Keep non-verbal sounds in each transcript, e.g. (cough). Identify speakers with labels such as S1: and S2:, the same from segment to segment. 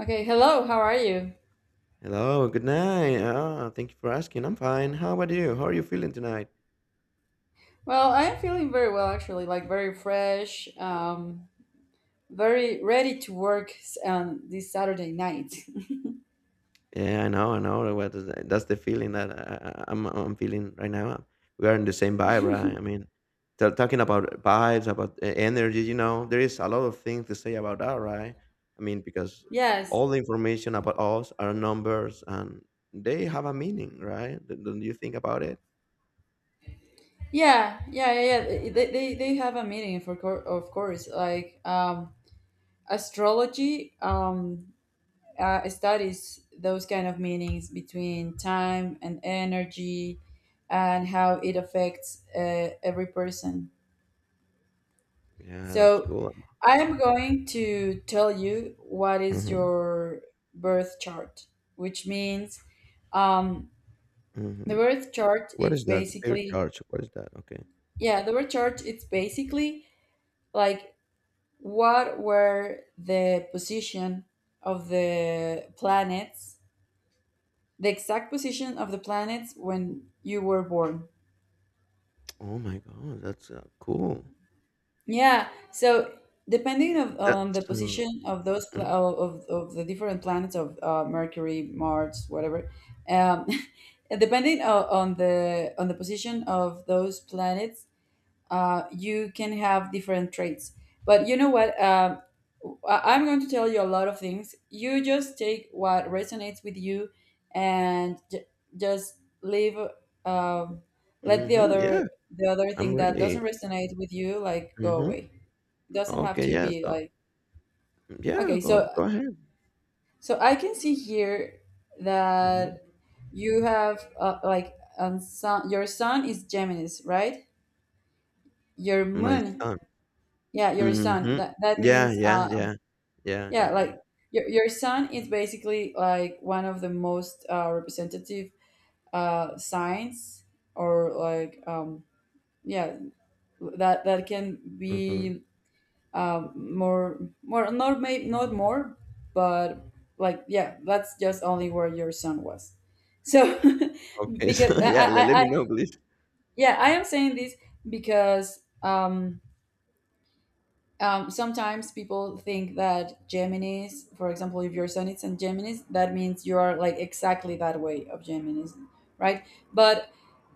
S1: Okay, hello, how are you?
S2: Hello, good night. Thank you for asking. I'm fine. How about you? How are you feeling tonight?
S1: Well, I am feeling very well actually, like very fresh, very ready to work on this Saturday night. (laughs)
S2: Yeah, I know, I know. What is that? That's the feeling that I'm feeling right now. We are in the same vibe, right? I mean, talking about vibes, about energy, you know, there is a lot of things to say about that, right? I mean, because
S1: Yes.
S2: all the information about us are numbers and they have a meaning, right? Don't you think about it?
S1: Yeah, yeah, yeah, yeah. They have a meeting for cour of course, like astrology, studies those kind of meanings between time and energy and how it affects every person.
S2: Yeah, that's
S1: So
S2: cool.
S1: I am going to tell you what is
S2: Mm-hmm.
S1: your birth chart, which means, um,
S2: Mm-hmm.
S1: the birth chart.
S2: What
S1: It's
S2: is that? The beer
S1: basically,
S2: charge. What is that? Okay.
S1: yeah, the birth chart. It's basically like what were the position of the planets, the exact position of the planets when you were born.
S2: Oh my god, that's, cool.
S1: Yeah. So depending
S2: Eh,
S1: on the
S2: that's, uh
S1: position of those pla-
S2: mhm,
S1: of, of of the different planets, of Mercury, Mars, whatever, um, (laughs) and depending on the position of those planets, you can have different traits. But you know what? I'm going to tell you a lot of things. You just take what resonates with you, and just leave. Um, Let the
S2: mhm, yeah,
S1: other the other
S2: I'm
S1: thing that
S2: really
S1: doesn't resonate with you, like, go away.
S2: mhm.
S1: Doesn't have
S2: Okay,
S1: to
S2: yeah,
S1: be
S2: so
S1: like.
S2: yeah,
S1: Okay,
S2: go
S1: so
S2: go ahead.
S1: so I can see here
S2: Mhm.
S1: that you have, like, sun, your sun is Gemini's, right? Your
S2: My
S1: moon,
S2: son.
S1: yeah, your sun,
S2: Mhm.
S1: that
S2: Yeah,
S1: means,
S2: yeah, yeah. Yeah,
S1: yeah,
S2: yeah, yeah.
S1: like, your sun is basically like one of the most representative, signs, or like, yeah, that can
S2: Mhm.
S1: be, uh, more more not maybe, not more, but like, yeah, that's just only where your son was. So, (laughs)
S2: Okay, (laughs)
S1: because
S2: so
S1: I,
S2: yeah, let
S1: I, I
S2: me know, please.
S1: yeah, I am saying this because, sometimes people think that Geminis, for example, if your sun is in Geminis, that means you are like exactly that way of Geminis, right? But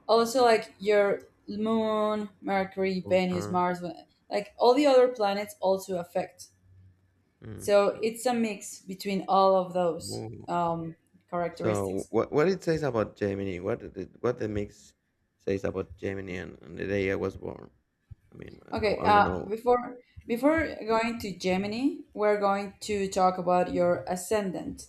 S1: also, like, your moon, Mercury, Venus,
S2: Uh-huh.
S1: Mars, like all the other planets also affect.
S2: Mhm.
S1: So it's a mix between all of those,
S2: Woah. So
S1: characteristics.
S2: what it says about Germany? What did it what the mix says about Germany and the day I was born? I mean, I
S1: Okay,
S2: wanna know.
S1: before going to Gemini, we're going to talk about your ascendant.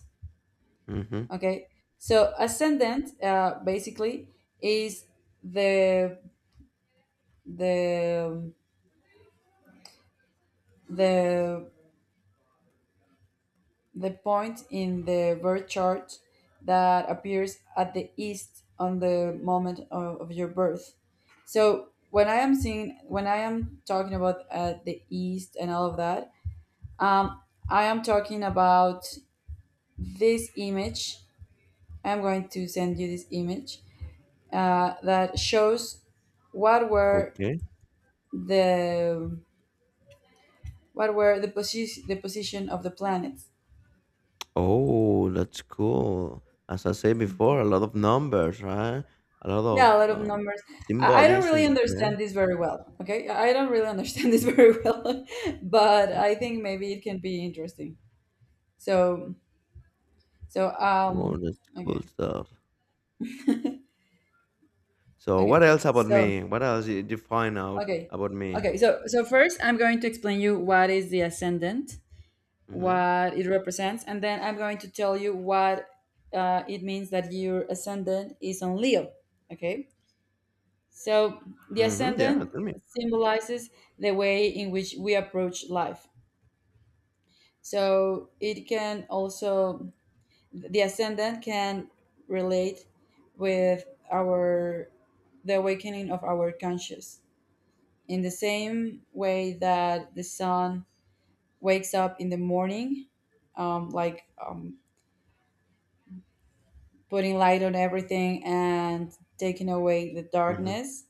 S2: Mhm.
S1: Okay, so ascendant, basically, is the the the The point in the birth chart that appears at the east on the moment of your birth. So when I am talking about, the east and all of that, um, I am talking about this image. I'm going to send you this image, that shows what were
S2: Okay.
S1: the what were the position of the planets.
S2: Oh, that's cool. As I said before, a lot of numbers, right? A lot
S1: Yeah, a lot
S2: of
S1: of numbers. I don't really
S2: symbolism. Yeah.
S1: understand this very well. Okay, I don't really understand (laughs) this
S2: Mm,
S1: very well, but I
S2: mm.
S1: think maybe it can be interesting. So, so
S2: Oh,
S1: um,
S2: that's
S1: okay,
S2: cool stuff. So, what
S1: okay,
S2: else about
S1: so,
S2: me? What else did you find out
S1: okay,
S2: about me?
S1: okay. So, first, I'm going to explain you what is the ascendant,
S2: Mm-hmm.
S1: what it represents, and then I'm going to tell you what, it means that your ascendant is on Leo. Okay, so the
S2: Mm-hmm. Yeah,
S1: ascendant
S2: tell me.
S1: symbolizes the way in which we approach life. So the ascendant can relate with the awakening of our conscious. In the same way that the sun wakes up in the morning, like, putting light on everything and taking away the
S2: Mm-hmm.
S1: darkness.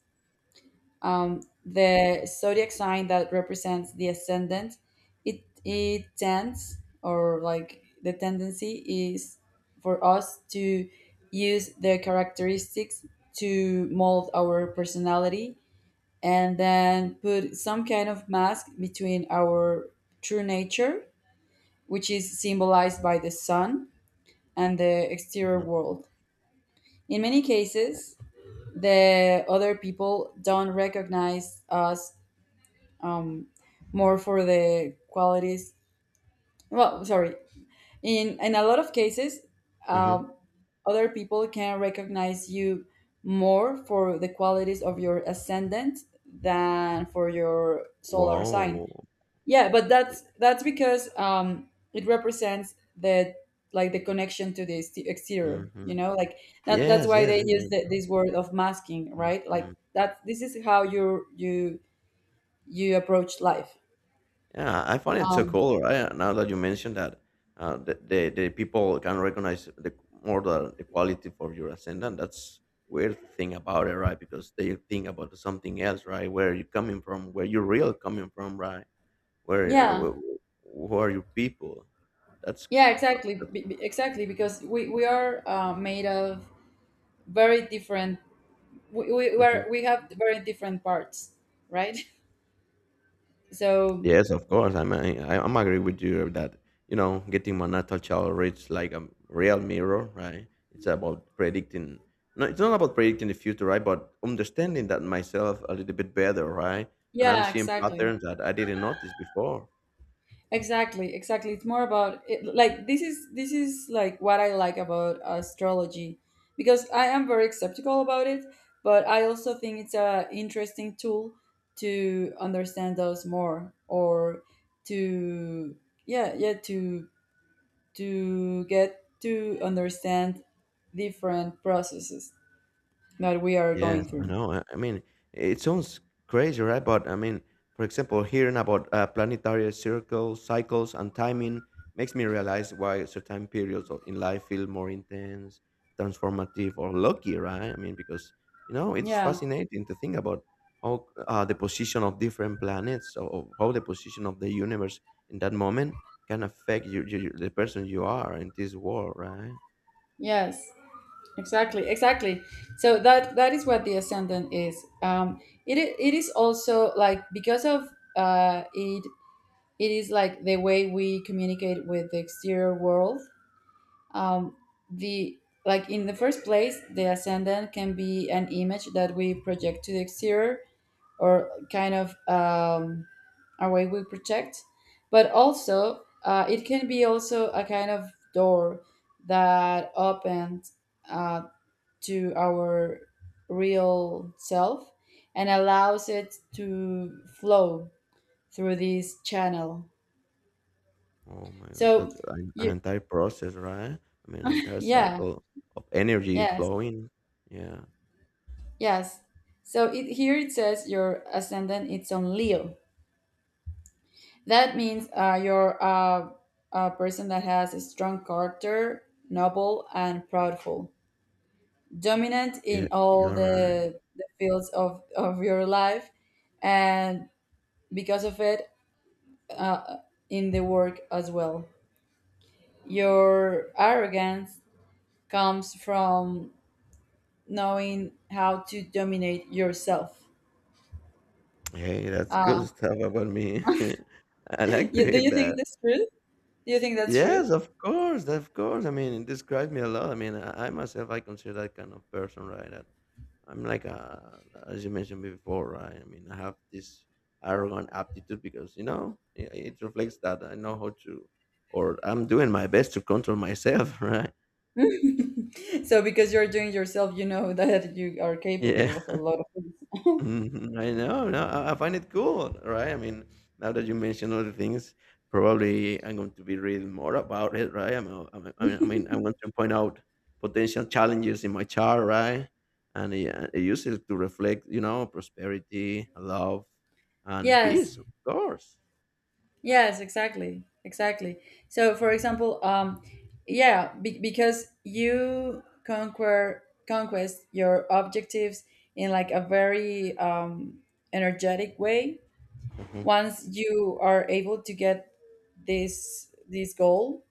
S1: The zodiac sign that represents the ascendant, it tends, or like, the tendency is for us to use their characteristics to mold our personality and then put some kind of mask between our true nature, which is symbolized by the sun, and the exterior
S2: Mm-hmm.
S1: world. In many cases, the other people don't recognize us, um, more for the qualities. Well, sorry. In a lot of cases,
S2: Mm-hmm.
S1: um, other people can recognize you more for the qualities of your ascendant than for your solar sign.
S2: Wow.
S1: Yeah, but that's because, it represents the like the connection to the exterior.
S2: Mm-hmm.
S1: You know, like that. That's
S2: Yes,
S1: why
S2: yes,
S1: they use
S2: yes.
S1: this word of masking, right? Like
S2: Mm-hmm.
S1: that. This is how you approach life.
S2: Yeah, I find it so
S1: Um,
S2: cool, right? Now that you mentioned that, the people can recognize the more the quality for your ascendant. That's weird thing about it, right? Because they think about something else, right? Where you coming from? Where you real coming from, right?
S1: Yeah,
S2: Where who are your people? That's,
S1: yeah, exactly,
S2: uh,
S1: exactly. Because we are, made of very different. We
S2: that's
S1: are, we have very different parts, right? (laughs) So
S2: Yes, of course. I mean, I'm agree with you that you know getting my natal child reads like a real mirror, right? It's about predicting. No, it's not about predicting the future, right? But understanding that myself a little bit better, right? And I'm
S1: yeah,
S2: seeing
S1: exactly,
S2: patterns that I didn't notice before.
S1: exactly, exactly. It's more about it, like, this is like what I like about astrology, because I am very skeptical about it, but I also think it's a interesting tool to understand us more, or to, yeah, yeah, to get to understand different processes that we are
S2: Yes,
S1: going
S2: I
S1: through.
S2: know. I mean, it sounds crazy, right? But I mean, for example, hearing about planetary circles, cycles, and timing makes me realize why certain periods in life feel more intense, transformative, or lucky, right? I mean, because you know, it's
S1: Yeah.
S2: fascinating to think about how the position of different planets or how the position of the universe in that moment can affect the person you are in this world, right?
S1: Yes. Exactly. Exactly. So that is what the ascendant is. Um, it is also like, because of, uh, it it is like the way we communicate with the exterior world. Um, the like in the first place, the ascendant can be an image that we project to the exterior, or kind of, a way we protect, but also, it can be also a kind of door that opens, uh, to our real self, and allows it to flow through this channel.
S2: Oh my god,
S1: So
S2: that's an
S1: you
S2: entire process, right? I mean, an entire
S1: yeah,
S2: cycle of energy
S1: yes,
S2: flowing. Yeah,
S1: yes. Here it says your ascendant it's on Leo. That means, you're, a person that has a strong character, noble and proudful, dominant in
S2: yeah,
S1: all
S2: you're right.
S1: the fields of your life, and because of it, in the work as well. Your arrogance comes from knowing how to dominate yourself.
S2: Hey, that's good (laughs) stuff about me. (laughs) I like
S1: (laughs)
S2: to
S1: Do
S2: hear
S1: you think
S2: that.
S1: that's true? Do you think that's true?
S2: Yes, of course, of course. I mean, it describes me a lot. I mean, I myself, I consider that kind of person, right? That I'm like a, As you mentioned before, right? I mean, I have this arrogant aptitude because you know it reflects that I know how to, or I'm doing my best to control myself, (laughs) right?
S1: So, because you're doing yourself, you know, (laughs) that you are capable
S2: Yeah.
S1: of a
S2: (laughs)
S1: lot of things.
S2: Mhm. I know. No, I find it cool, right? I mean, now that you mention other things, probably I'm going to be reading more about it, right? I mean, I want to point out potential challenges in my chart, right? And yeah, I use it to reflect, you know, prosperity, love,
S1: (laughs)
S2: and
S1: Yes,
S2: peace, of course.
S1: yes, exactly, exactly. So, for example, yeah, because you conquer conquest your objectives, in like a very, energetic way.
S2: hmm
S1: Once you are able to get this goal,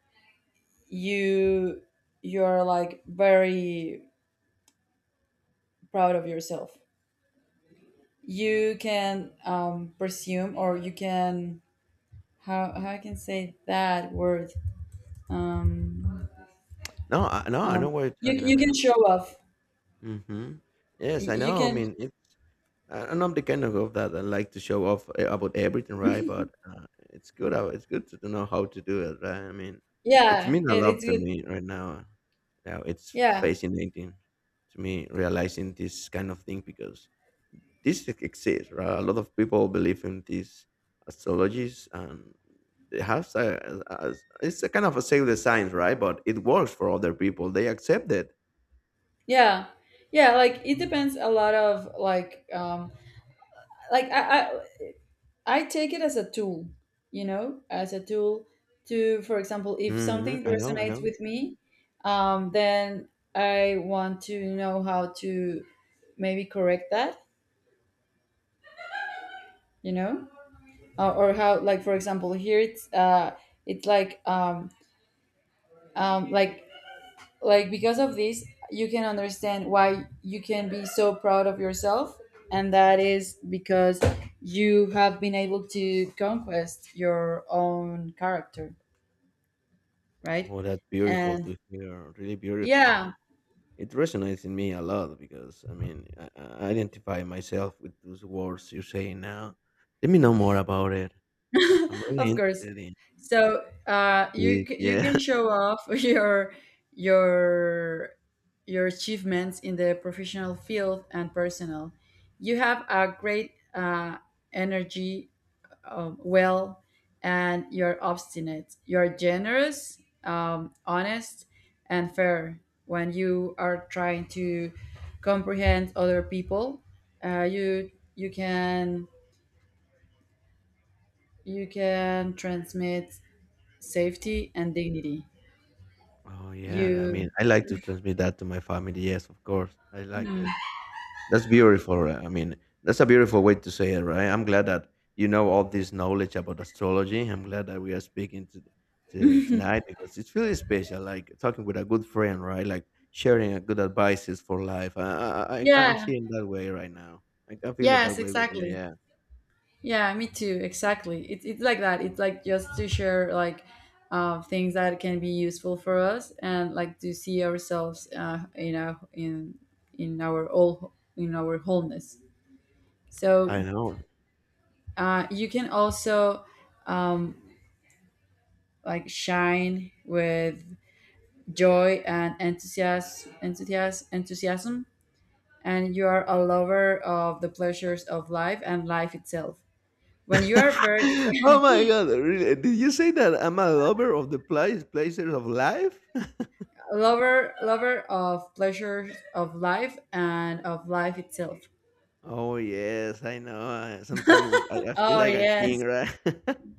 S1: you you're like very proud of yourself. You can, presume, or you can, how I can say that word. Um,
S2: No, no, I
S1: Um,
S2: know what you're
S1: you
S2: talking. I mean,
S1: can show off.
S2: mean, hmm yes, I
S1: You
S2: know. I
S1: can,
S2: mean, it's and I'm the kind of girl that I like to show off about everything, right? But it's good. It's good to know how to do it, right? I mean, it's
S1: yeah,
S2: mean a
S1: it,
S2: lot
S1: it's
S2: to
S1: good.
S2: me right now. Now it's
S1: Yeah,
S2: fascinating to me realizing this kind of thing because this exists, right? A lot of people believe in these astrologies, and they have it's a kind of a pseudo science, right? But it works for other people. They accept it.
S1: yeah, yeah. Like, it depends a lot of, like, like I I I take it as a tool, you know, as a tool to, for example, if something
S2: I know. I
S1: resonates
S2: know.
S1: with me, then I want to know how to maybe correct that, you know, or how, like, for example, here it's it's like um um like like, because of this, you can understand why you can be so proud of yourself, and that is because you have been able to conquest your own character, right?
S2: Oh, that's beautiful
S1: And
S2: to hear. Really beautiful. I
S1: yeah,
S2: mean. It resonates in me a lot because I mean, I identify myself with those words you say now. Let me know more about it.
S1: (laughs)
S2: I'm really
S1: of course.
S2: interested in
S1: So, you,
S2: it.
S1: you
S2: Yeah.
S1: can
S2: (laughs)
S1: show off (laughs) your your achievements in the professional field and personal. You have a great, energy, well, and you're obstinate. You're generous, honest, and fair. When you are trying to comprehend other people, you can transmit safety and dignity.
S2: Oh, yeah. I
S1: You
S2: mean, I like to transmit that to my family. Yes, of course. I like that. That's beautiful, right? I mean, that's a beautiful way to say it, right? I'm glad that you know all this knowledge about astrology. I'm glad that we are speaking to tonight because it's really special. Like talking with a good friend, right? Like sharing a good advices for life. I'm
S1: Yeah,
S2: seeing that way right now. I can feel it that
S1: yes,
S2: way with you.
S1: exactly.
S2: Yeah,
S1: Yeah, me too. Exactly. It's like that. It's like just to share, like, things that can be useful for us, and like to see ourselves, in our all in our wholeness.
S2: I
S1: So,
S2: know.
S1: you can also, um, like, shine with joy and enthusiasm, and you are a lover of the pleasures of life and life itself. When you are very,
S2: (laughs) Oh my god! Really? Did you say that I'm a lover of the places of life? (laughs)
S1: lover, of pleasures of life and of life itself.
S2: Oh yes, I know. I- Sometimes I feel
S1: Oh,
S2: like a king,
S1: yes.
S2: right? (laughs)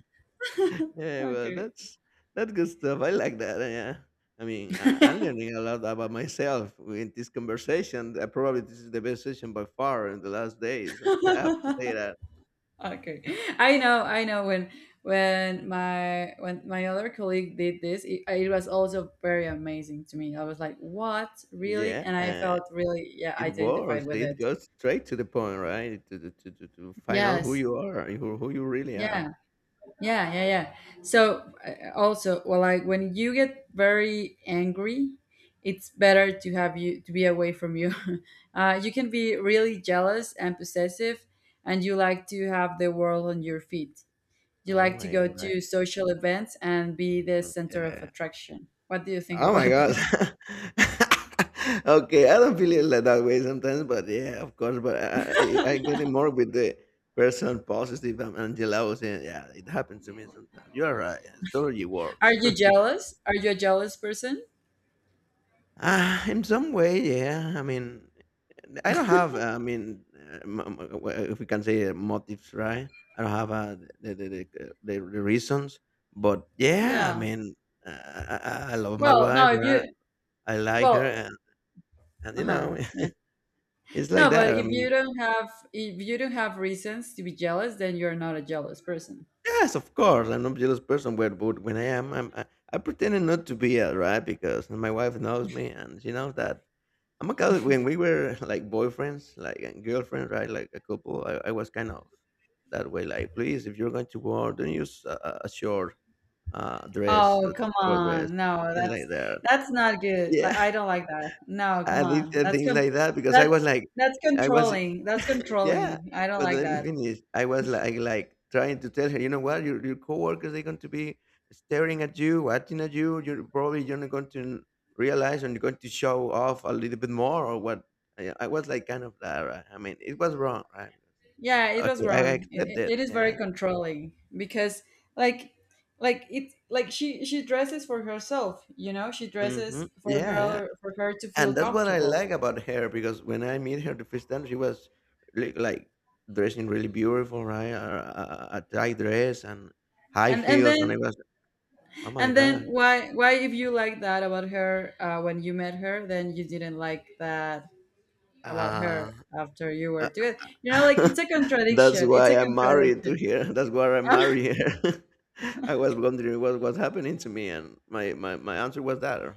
S2: (laughs) Yeah, well,
S1: Okay,
S2: that's good stuff. I like that. Yeah, I mean, I'm learning a lot about myself in this conversation. Probably this is the best session by far in the last days. (laughs) I
S1: (laughs)
S2: have to say that.
S1: okay. I know when my other colleague did this, it was also very amazing to me. I was like, what, really?
S2: Yeah,
S1: And I felt really, yeah,
S2: it
S1: identified
S2: works.
S1: with
S2: It
S1: it.
S2: goes straight to the point, right? To find out who
S1: Yes,
S2: you are, who you really are.
S1: yeah. Yeah, yeah, yeah. So, also, well, like when you get very angry, it's better to have you to be away from you. (laughs) You can be really jealous and possessive, and you like to have the world on your feet. You
S2: Oh
S1: like to
S2: my
S1: go
S2: gosh.
S1: to social events and be the center of
S2: Yeah.
S1: attraction. What do you think
S2: Oh my
S1: about (laughs)
S2: god.
S1: this?
S2: (laughs) Okay, I don't feel it like that way sometimes, but yeah, of course. But I get it more with the person positive and jealous. And yeah, it happens to me sometimes. You're right. It totally
S1: Are
S2: works.
S1: you
S2: (laughs)
S1: jealous? Are you a jealous person?
S2: Ah, in some way, yeah. I mean, I don't have. I mean, if we can say motives, right? I don't have the reasons, but yeah. I
S1: Yeah.
S2: mean, uh, I, I love my
S1: Well,
S2: wife.
S1: no. If
S2: Right?
S1: you,
S2: I like her,
S1: well,
S2: and
S1: uh
S2: you
S1: huh.
S2: know, (laughs)
S1: Yeah.
S2: It's like
S1: No, but
S2: that. I
S1: if you
S2: mean,
S1: don't have, reasons to be jealous, then you're not a jealous person.
S2: yes, of course, I'm not a jealous person, but when I am, I pretending not to be, right? Because my wife knows me, and she knows that I'm a kind of- When we were (laughs) like boyfriends, like and girlfriends, right? Like a couple, I was kind of that way. Like, please, if you're going to work, don't use a short dress,
S1: Oh,
S2: a
S1: come
S2: short dress,
S1: on. No,
S2: things like that.
S1: that's not good. Like,
S2: Yeah,
S1: I don't like that. No,
S2: (laughs)
S1: come
S2: I did
S1: on.
S2: things like that because I was
S1: That's
S2: like,
S1: that's
S2: I was
S1: controlling. That's
S2: yeah,
S1: controlling. I don't
S2: but
S1: like
S2: let me
S1: that.
S2: finish. I was like trying to tell her, you know what, your coworkers they're going to be staring at you, watching at you. You're probably you're not going to realize and you're going to show off a little bit more or what. I was like kind of that, right? I mean, it was wrong, right?
S1: Yeah, it was
S2: Okay, I
S1: wrong.
S2: accept
S1: It, it
S2: it.
S1: it is very
S2: Yeah.
S1: controlling because, like like, she dresses for herself, you know? She dresses for
S2: Yeah, yeah.
S1: her, to feel
S2: And that's what I
S1: comfortable.
S2: like about her because when I meet her the first time, she was like dressing really beautiful, right? A tight dress and high
S1: And and
S2: heels, and I
S1: then
S2: was, oh my
S1: And then,
S2: gosh.
S1: why if you like that about her, when you met her, then you didn't like that about
S2: Uh,
S1: her after you were
S2: uh,
S1: together? You know, like,
S2: (laughs)
S1: it's a
S2: that's
S1: contradiction. It's
S2: why
S1: a
S2: I'm married to
S1: contradiction.
S2: her. (laughs) That's why I
S1: (laughs)
S2: married here. (laughs) I was wondering what was happening to me, and my answer was that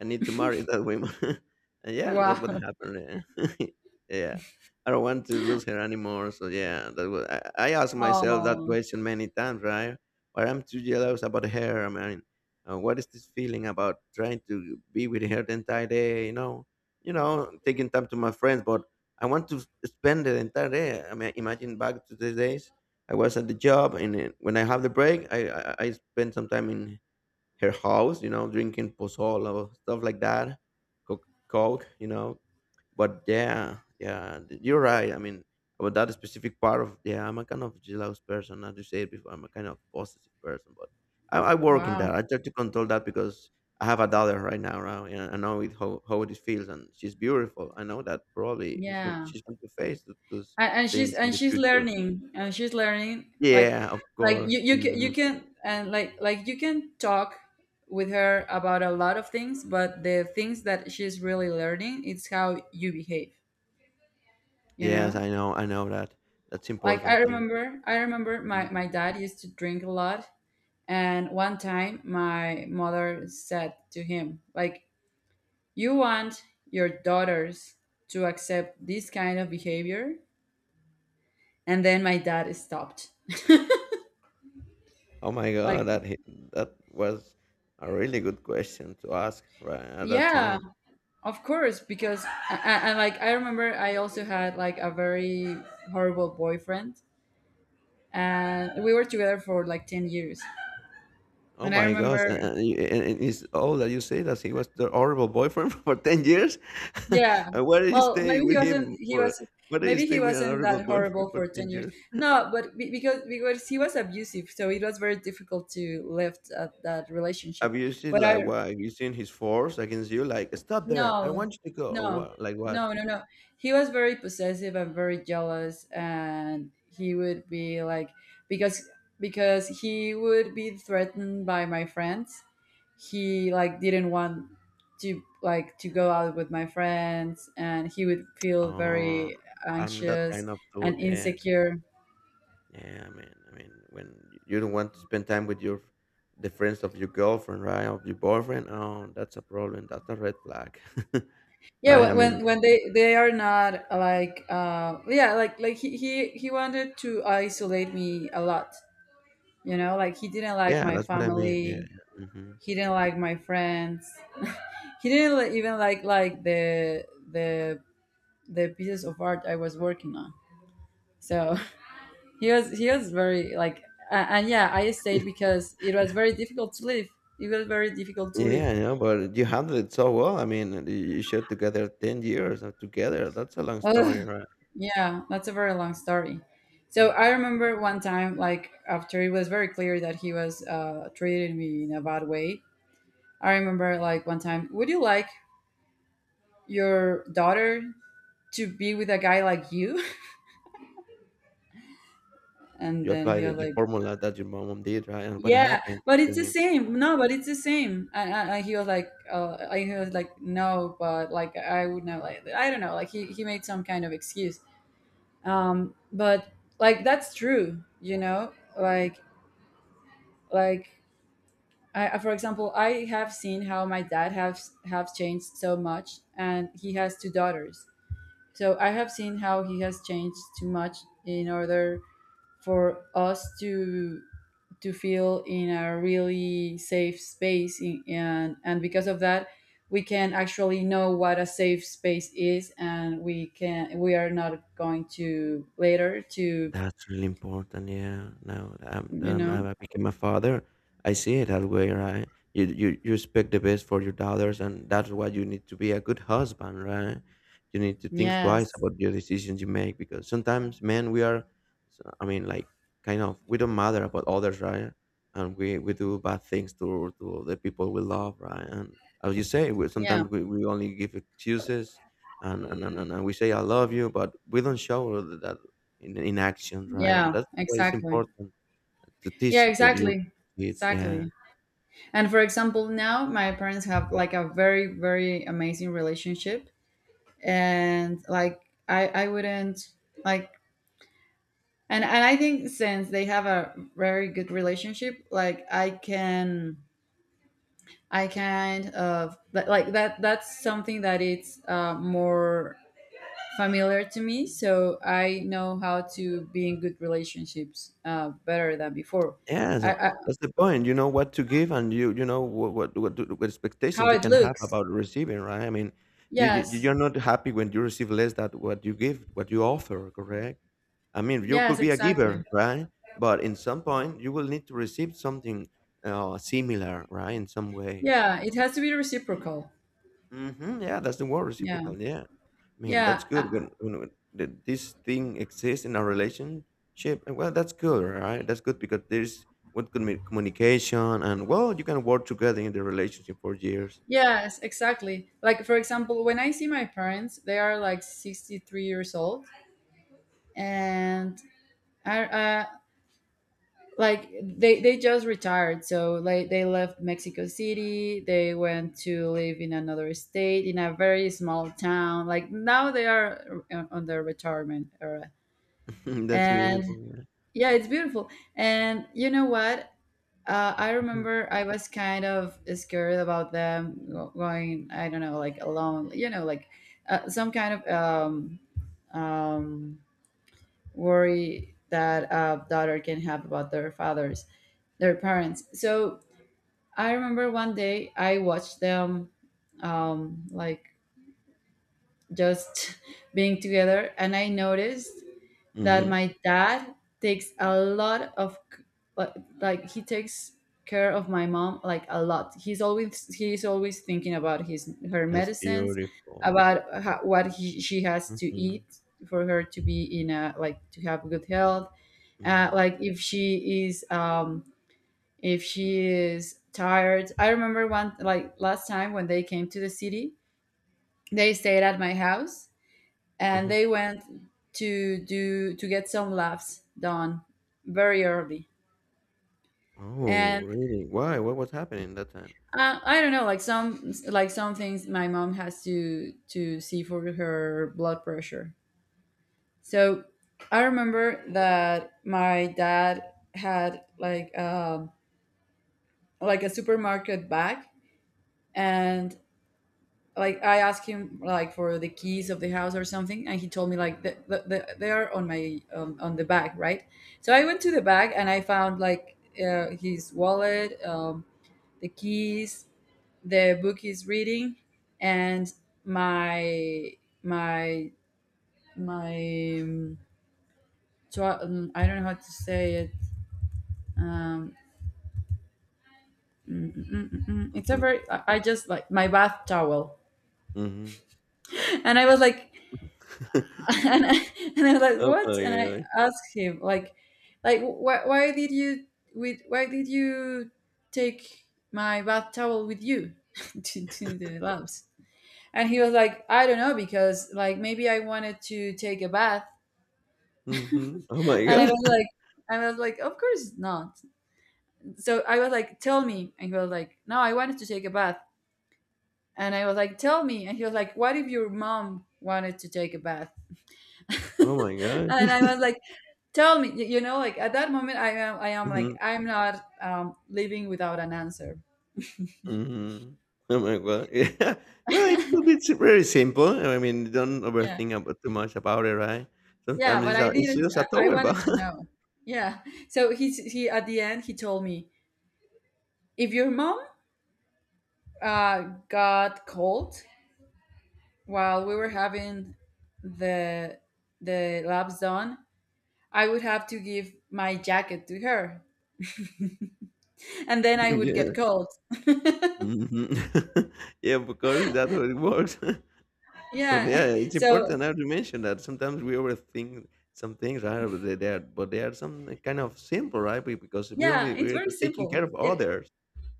S2: I need to marry that woman. (laughs) And yeah, that's what
S1: Wow.
S2: happened. Yeah. (laughs) Yeah, I don't want to lose her anymore. So yeah, that was, I asked myself that
S1: Oh,
S2: question many times, right? Why I'm too jealous about her? I mean, what is this feeling about trying to be with her the entire day? You know, taking time to my friends, but I want to spend the entire day. I mean, imagine back to these days. I was at the job, and then when I have the break, I spend some time in her house, you know, drinking pozole, stuff like that, coke, you know, but yeah you're right. I mean, about that specific part of yeah, I'm a kind of jealous person. As you said before, I'm a kind of possessive person, but I work in
S1: wow.
S2: that. I try to control that because I have a daughter right now, right? And I know it how it feels, and she's beautiful. I know that probably he's going
S1: Yeah.
S2: she's going to face those
S1: And, and she's
S2: things in
S1: and
S2: the
S1: she's
S2: future.
S1: learning and she's learning
S2: Yeah, of
S1: like you
S2: course.
S1: you can and like you can talk with her about a lot of things, but the things that she's really learning, it's how you behave. You
S2: Yes,
S1: know.
S2: I know. I know that that's
S1: Like i
S2: important thing.
S1: remember i remember
S2: Mm-hmm.
S1: my dad used to drink a lot. And one time my mother said to him, like, you want your daughters to accept this kind of behavior? And then my dad stopped.
S2: Oh my
S1: Like,
S2: God, that hit, that was a really good question to ask right at that
S1: yeah,
S2: time.
S1: of course. Because, and like I remember I also had like a very horrible boyfriend, and we were together for like 10 years.
S2: Oh
S1: And I
S2: my gosh,
S1: remember.
S2: and it's all that you say that he was the horrible boyfriend (laughs) for 10 years? (laughs)
S1: Yeah.
S2: And why did you
S1: Well,
S2: stay
S1: maybe he
S2: with
S1: wasn't.
S2: him
S1: He
S2: for,
S1: was.
S2: why did you
S1: Maybe he
S2: stay with an
S1: wasn't
S2: horrible
S1: that horrible
S2: boyfriend for
S1: for ten
S2: 10
S1: years.
S2: years?
S1: No, but because he was abusive, so it was very difficult to lift at that relationship.
S2: Abusive,
S1: But I,
S2: like what? Using his force against you, like, stop there, I
S1: no,
S2: want you to go, or
S1: no,
S2: what? Like what?
S1: no, no, no. He was very possessive and very jealous, and he would be like, because because he would be threatened by my friends. He like didn't want to, like, to go out with my friends, and he would feel
S2: Oh,
S1: very
S2: I'm that
S1: anxious
S2: kind of dude,
S1: and
S2: yeah.
S1: insecure.
S2: Yeah, I mean, when you don't want to spend time with your the friends of your girlfriend, right, of your boyfriend, oh, that's a problem. That's a red flag, (laughs)
S1: Yeah,
S2: right? I
S1: when
S2: mean,
S1: when, when they are not like, yeah, like, like he wanted to isolate me a lot. You know, like, he didn't like
S2: yeah,
S1: my
S2: that's what I mean. Yeah,
S1: family,
S2: yeah. Hmm.
S1: he didn't like my friends, he didn't even like the the the pieces of art I was working on, so (laughs) he was very like, and yeah, I stayed because it was very difficult to live it was very difficult to live.
S2: Yeah, I know, but you handled it so well. I mean, you shared together 10 years together. That's a long
S1: Ugh,
S2: story, right?
S1: yeah, that's a very long story. So I
S2: Hmm.
S1: remember one time, like, after it was very clear that he was, treating me in a bad way. I remember, like, one time, would you like your daughter to be with a guy like you? (laughs) And
S2: You
S1: then he
S2: applied
S1: was
S2: it, the
S1: like,
S2: formula that your mom did, right? And what
S1: yeah,
S2: happened
S1: but
S2: to
S1: it's the
S2: him?
S1: same. No, but it's the same. And he was like, and he was like, no, but like I would not like. I don't know. Like, he made some kind of excuse. But like that's true. You know, like, like for example, I have seen how my dad has have changed so much, and he has two daughters. So I have seen how he has changed too much in order for us to feel in a really safe space in, and because of that we can actually know what a safe space is, and we can, we are not going to later to,
S2: That's really important, yeah. Now
S1: you know.
S2: I became a father. I see it that way, right? You expect the best for your daughters, and that's why you need to be a good husband, right? You need to think twice
S1: Yes.
S2: about your decisions you make because sometimes, men, we are, I mean, like kind of we don't matter about others, right? And we do bad things to the people we love, right? And as you say, we,
S1: Yeah.
S2: sometimes we only give excuses, and we say I love you, but we don't show that in action, right? And
S1: Yeah,
S2: that's why it's
S1: exactly.
S2: important to
S1: Yeah,
S2: teach that your
S1: exactly.
S2: kids. Yeah,
S1: Exactly. And for example, now my parents have like a very, very amazing relationship, and like I wouldn't, like, and I think since they have a very good relationship, like I can, I kind of like that, that's something that it's, more familiar to me, so I know how to be in good relationships, better than before.
S2: yeah,
S1: I,
S2: that,
S1: I,
S2: that's the point. You know what to give, and you know what
S1: how
S2: expectations you
S1: it
S2: can have
S1: looks.
S2: about receiving, right? I mean, you, you
S1: Yes.
S2: you're not happy when you receive less than what you give, what you offer, correct? I mean, you
S1: Yes,
S2: could be a
S1: exactly.
S2: giver, right? But in some point, you will need to receive something similar, right? In some way.
S1: Yeah, it has to be reciprocal.
S2: Mhm, yeah, that's the word,
S1: Yeah.
S2: reciprocal, yeah. I mean,
S1: Yeah,
S2: that's good when th this thing exists in a relationship, and well, that's good, right? That's good because there's what could be communication and well, you can work together in the relationship for years.
S1: yes, exactly. Like, for example, when I see my parents, they are like 63 years old. And I, like they just retired, so like they left Mexico City. They went to live in another state in a very small town. Like now they are, on their retirement era.
S2: (laughs) That's
S1: And
S2: beautiful, yeah.
S1: yeah, it's beautiful. And you know what? I
S2: Mhm.
S1: remember I was kind of scared about them going. I don't know, like, alone. You know, like, some kind of um, worry that a daughter can have about their fathers, their parents. So I remember one day I watched them, like, just (laughs) being together, and I noticed that
S2: Mhm.
S1: my dad takes a lot of like like, he takes care of my mom like a lot. He's always thinking about his, her
S2: That's
S1: medicines,
S2: beautiful.
S1: about how what he, she has to eat
S2: Mhm,
S1: for her to be in a, like, to have good health.
S2: mhm,
S1: Like, if she is, if she is tired. I remember one, like, last time when they came to the city, they stayed at my house, and
S2: mhm.
S1: they went to do, to get some laughs done very early.
S2: Oh,
S1: And
S2: really? Why? What was happening that time?
S1: I don't know, like, some, like, some things my mom has to see for her blood pressure. So I remember that my dad had, like, like a supermarket bag. And like, I asked him, like, for the keys of the house or something, and he told me like, they are on my, on the bag, right? So I went to the bag, and I found like, his wallet, the keys, the book he's reading, and my my my. So, I don't know how to say it. Um, mm. It's a
S2: Mhm,
S1: very. I just, like, my bath towel.
S2: mhm.
S1: (laughs) And I was like, (laughs)
S2: (laughs)
S1: and and I was like,
S2: Oh my
S1: "What?" And I
S2: god.
S1: asked him, like, why did you, with why did you take my bath towel with you (laughs) to the labs? And he was like, "I don't know, because, like, maybe I wanted to take a bath."
S2: Mhm. Oh my
S1: And
S2: god. (laughs)
S1: "I was like, of course not." So I was like, "Tell me," and he was like, "No, I wanted to take a bath." And I was like, "Tell me," and he was like, "What if your mom wanted to take a bath?" (laughs)
S2: Oh my god.
S1: And I
S2: (laughs)
S1: was like, tell me, you know, like, at that moment I am like,
S2: Mhm.
S1: I'm not living without an answer.
S2: Mhm. (laughs) Oh my god. (laughs) Yeah. Well, it could be si very simple. I mean, don't
S1: Yeah.
S2: overthink about too much about it, right?
S1: Yeah,
S2: Sometimes
S1: but I
S2: it's
S1: didn't,
S2: just a
S1: I
S2: towel, but
S1: wanted to know.
S2: (laughs)
S1: Yeah. So, he at the end, he told me, if your mom, uh got cold while we were having the the labs done, I would have to give my jacket to her, (laughs) and then I would
S2: yeah.
S1: get cold.
S2: Mhm. (laughs) Yeah, of course, that's how it works. (laughs) But
S1: Yeah.
S2: yeah,
S1: (laughs)
S2: it's
S1: So,
S2: important now to mention that sometimes we overthink some things, right? But they are some kind of simple, right? Because
S1: yeah, it's
S2: we're
S1: very
S2: taking care
S1: simple
S2: of
S1: it
S2: others.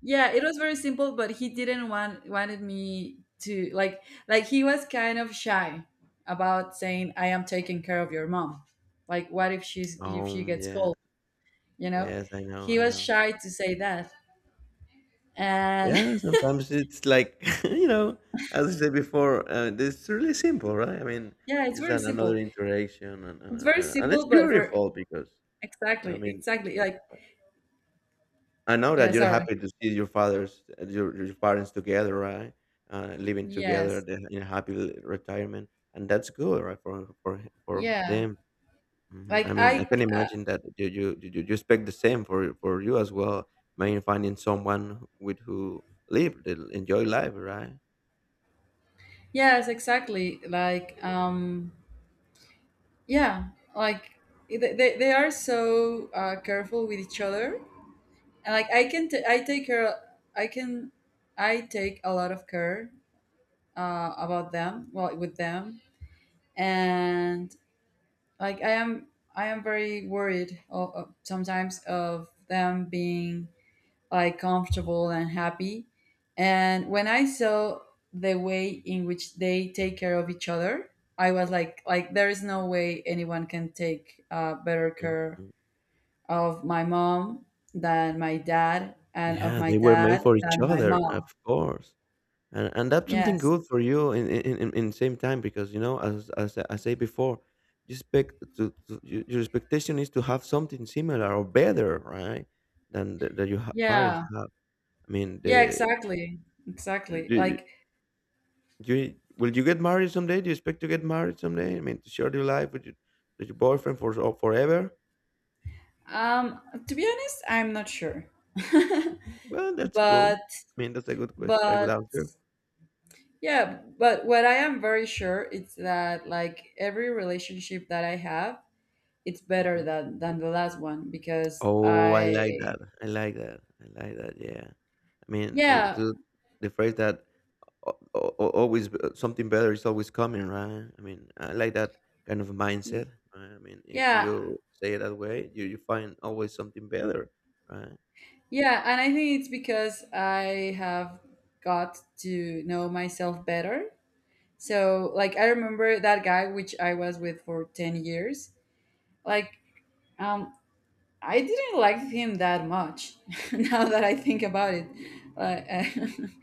S1: Yeah, it was very simple, but he didn't wanted me to, like, he was kind of shy about saying, I am taking care of your mom, like, what if she's, if she gets
S2: Yeah.
S1: cold, you know.
S2: Yes, I know.
S1: He
S2: I
S1: was
S2: know.
S1: shy to say that. And
S2: Yeah,
S1: (laughs)
S2: sometimes it's like, (laughs) you know, as I said before, it's really simple, right? I mean,
S1: yeah,
S2: another interaction, and, and,
S1: it's very
S2: and, and it's
S1: simple, but for,
S2: beautiful because, I
S1: exactly,
S2: mean,
S1: exactly, like,
S2: I know
S1: yeah,
S2: that you're
S1: sorry.
S2: happy to see your fathers, your parents together, right? Living together
S1: Yes.
S2: in a happy retirement, and that's good, right? For
S1: Yeah.
S2: them. Mhm.
S1: Like
S2: I mean, I
S1: I
S2: can imagine that you expect the same for you as well. Maybe finding someone with who live, enjoy life, right?
S1: yes, exactly. Like, yeah, like, they are so, careful with each other. And like, I can I take care, I can, I take a lot of care, about them, well, with them. And like, I am very worried, sometimes, of them being, like, comfortable and happy. And when I saw the way in which they take care of each other, I was like there is no way anyone can take, better
S2: Mm,
S1: care
S2: mm.
S1: of my mom than my dad, and of
S2: Yeah,
S1: my
S2: they were made
S1: dad
S2: for each
S1: than my
S2: other,
S1: mom.
S2: of course, and that's something
S1: Yes.
S2: good for you in same time because you know as I say before, you expect to your expectation is to have something similar or better, right? Than that your parents
S1: Yeah.
S2: have. I mean,
S1: Yeah,
S2: the
S1: exactly. Exactly.
S2: you,
S1: Like,
S2: you will you get married someday? Do you expect to get married someday? I mean, to share your life with your boyfriend for forever?
S1: um to be honest, I'm not sure. (laughs)
S2: Well, that's cool.
S1: but
S2: I mean, that's a good question, a good
S1: but
S2: answer.
S1: yeah, but what I am very sure is that, like, every relationship that I have, it's better
S2: Mm-hmm.
S1: than the last one because
S2: Oh, I like
S1: I,
S2: that. I like that. I like that. Yeah. I mean,
S1: yeah,
S2: to the phrase that always something better is always coming, right? I mean, I like that kind of
S1: y-
S2: mindset. Right? I mean, if
S1: yeah.
S2: you say it that way, you find always something better, right? (laughs)
S1: Yeah, and I think it's because I have got to know myself better. So, like, I remember that guy which I was with for 10 years. Like, um, I didn't like him that much (laughs) now that I think about it. Uh,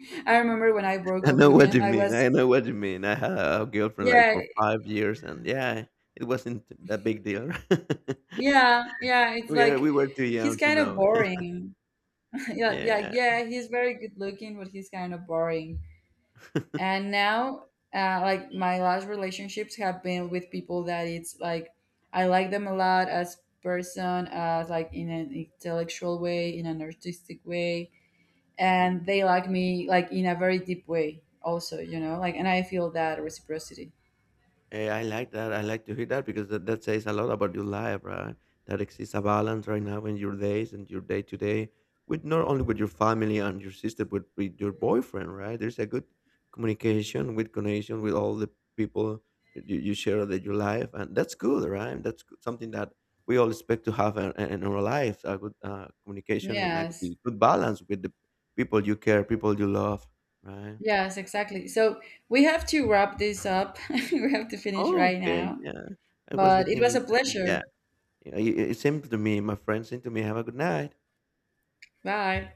S1: (laughs) I remember when I broke
S2: I
S1: up
S2: know
S1: with
S2: what
S1: him,
S2: you
S1: I
S2: mean.
S1: was,
S2: I know what you mean. I had a girlfriend like
S1: yeah,
S2: for 5 years, and yeah, it wasn't a big deal. (laughs)
S1: yeah, yeah, it's
S2: we are
S1: like,
S2: we were too
S1: he's
S2: young to
S1: kind of
S2: know.
S1: boring. (laughs)
S2: (laughs)
S1: Yeah, yeah,
S2: Yeah.
S1: yeah, he's very good looking, but he's kind of boring.
S2: (laughs)
S1: And now, like, my last relationships have been with people that it's like, I like them a lot as person, as like, in an intellectual way, in an artistic way.
S2: Mhm.
S1: And they like me, like, in a very deep way also, you know, like, and I feel that reciprocity.
S2: Hey, I like that. I like to hear that because that says a lot about your life, right? That exists a balance right now in your days and your day to day with not only with your family and your sister, but with your boyfriend, right? There's a good communication with connection with all the people that you share that your life, and that's good, right? That's good- something that we all expect to have in our lives a good communication and a
S1: Yes.
S2: good balance with the people you care, people you love, right?
S1: Yes, exactly. So we have to wrap this up. (laughs) We have to finish
S2: Oh,
S1: right
S2: okay,
S1: now,
S2: yeah, I was
S1: but it
S2: getting
S1: was a
S2: interested.
S1: pleasure.
S2: Yeah. Yeah, it's to me. My friend seemed to me, "Have a good night."
S1: Bye.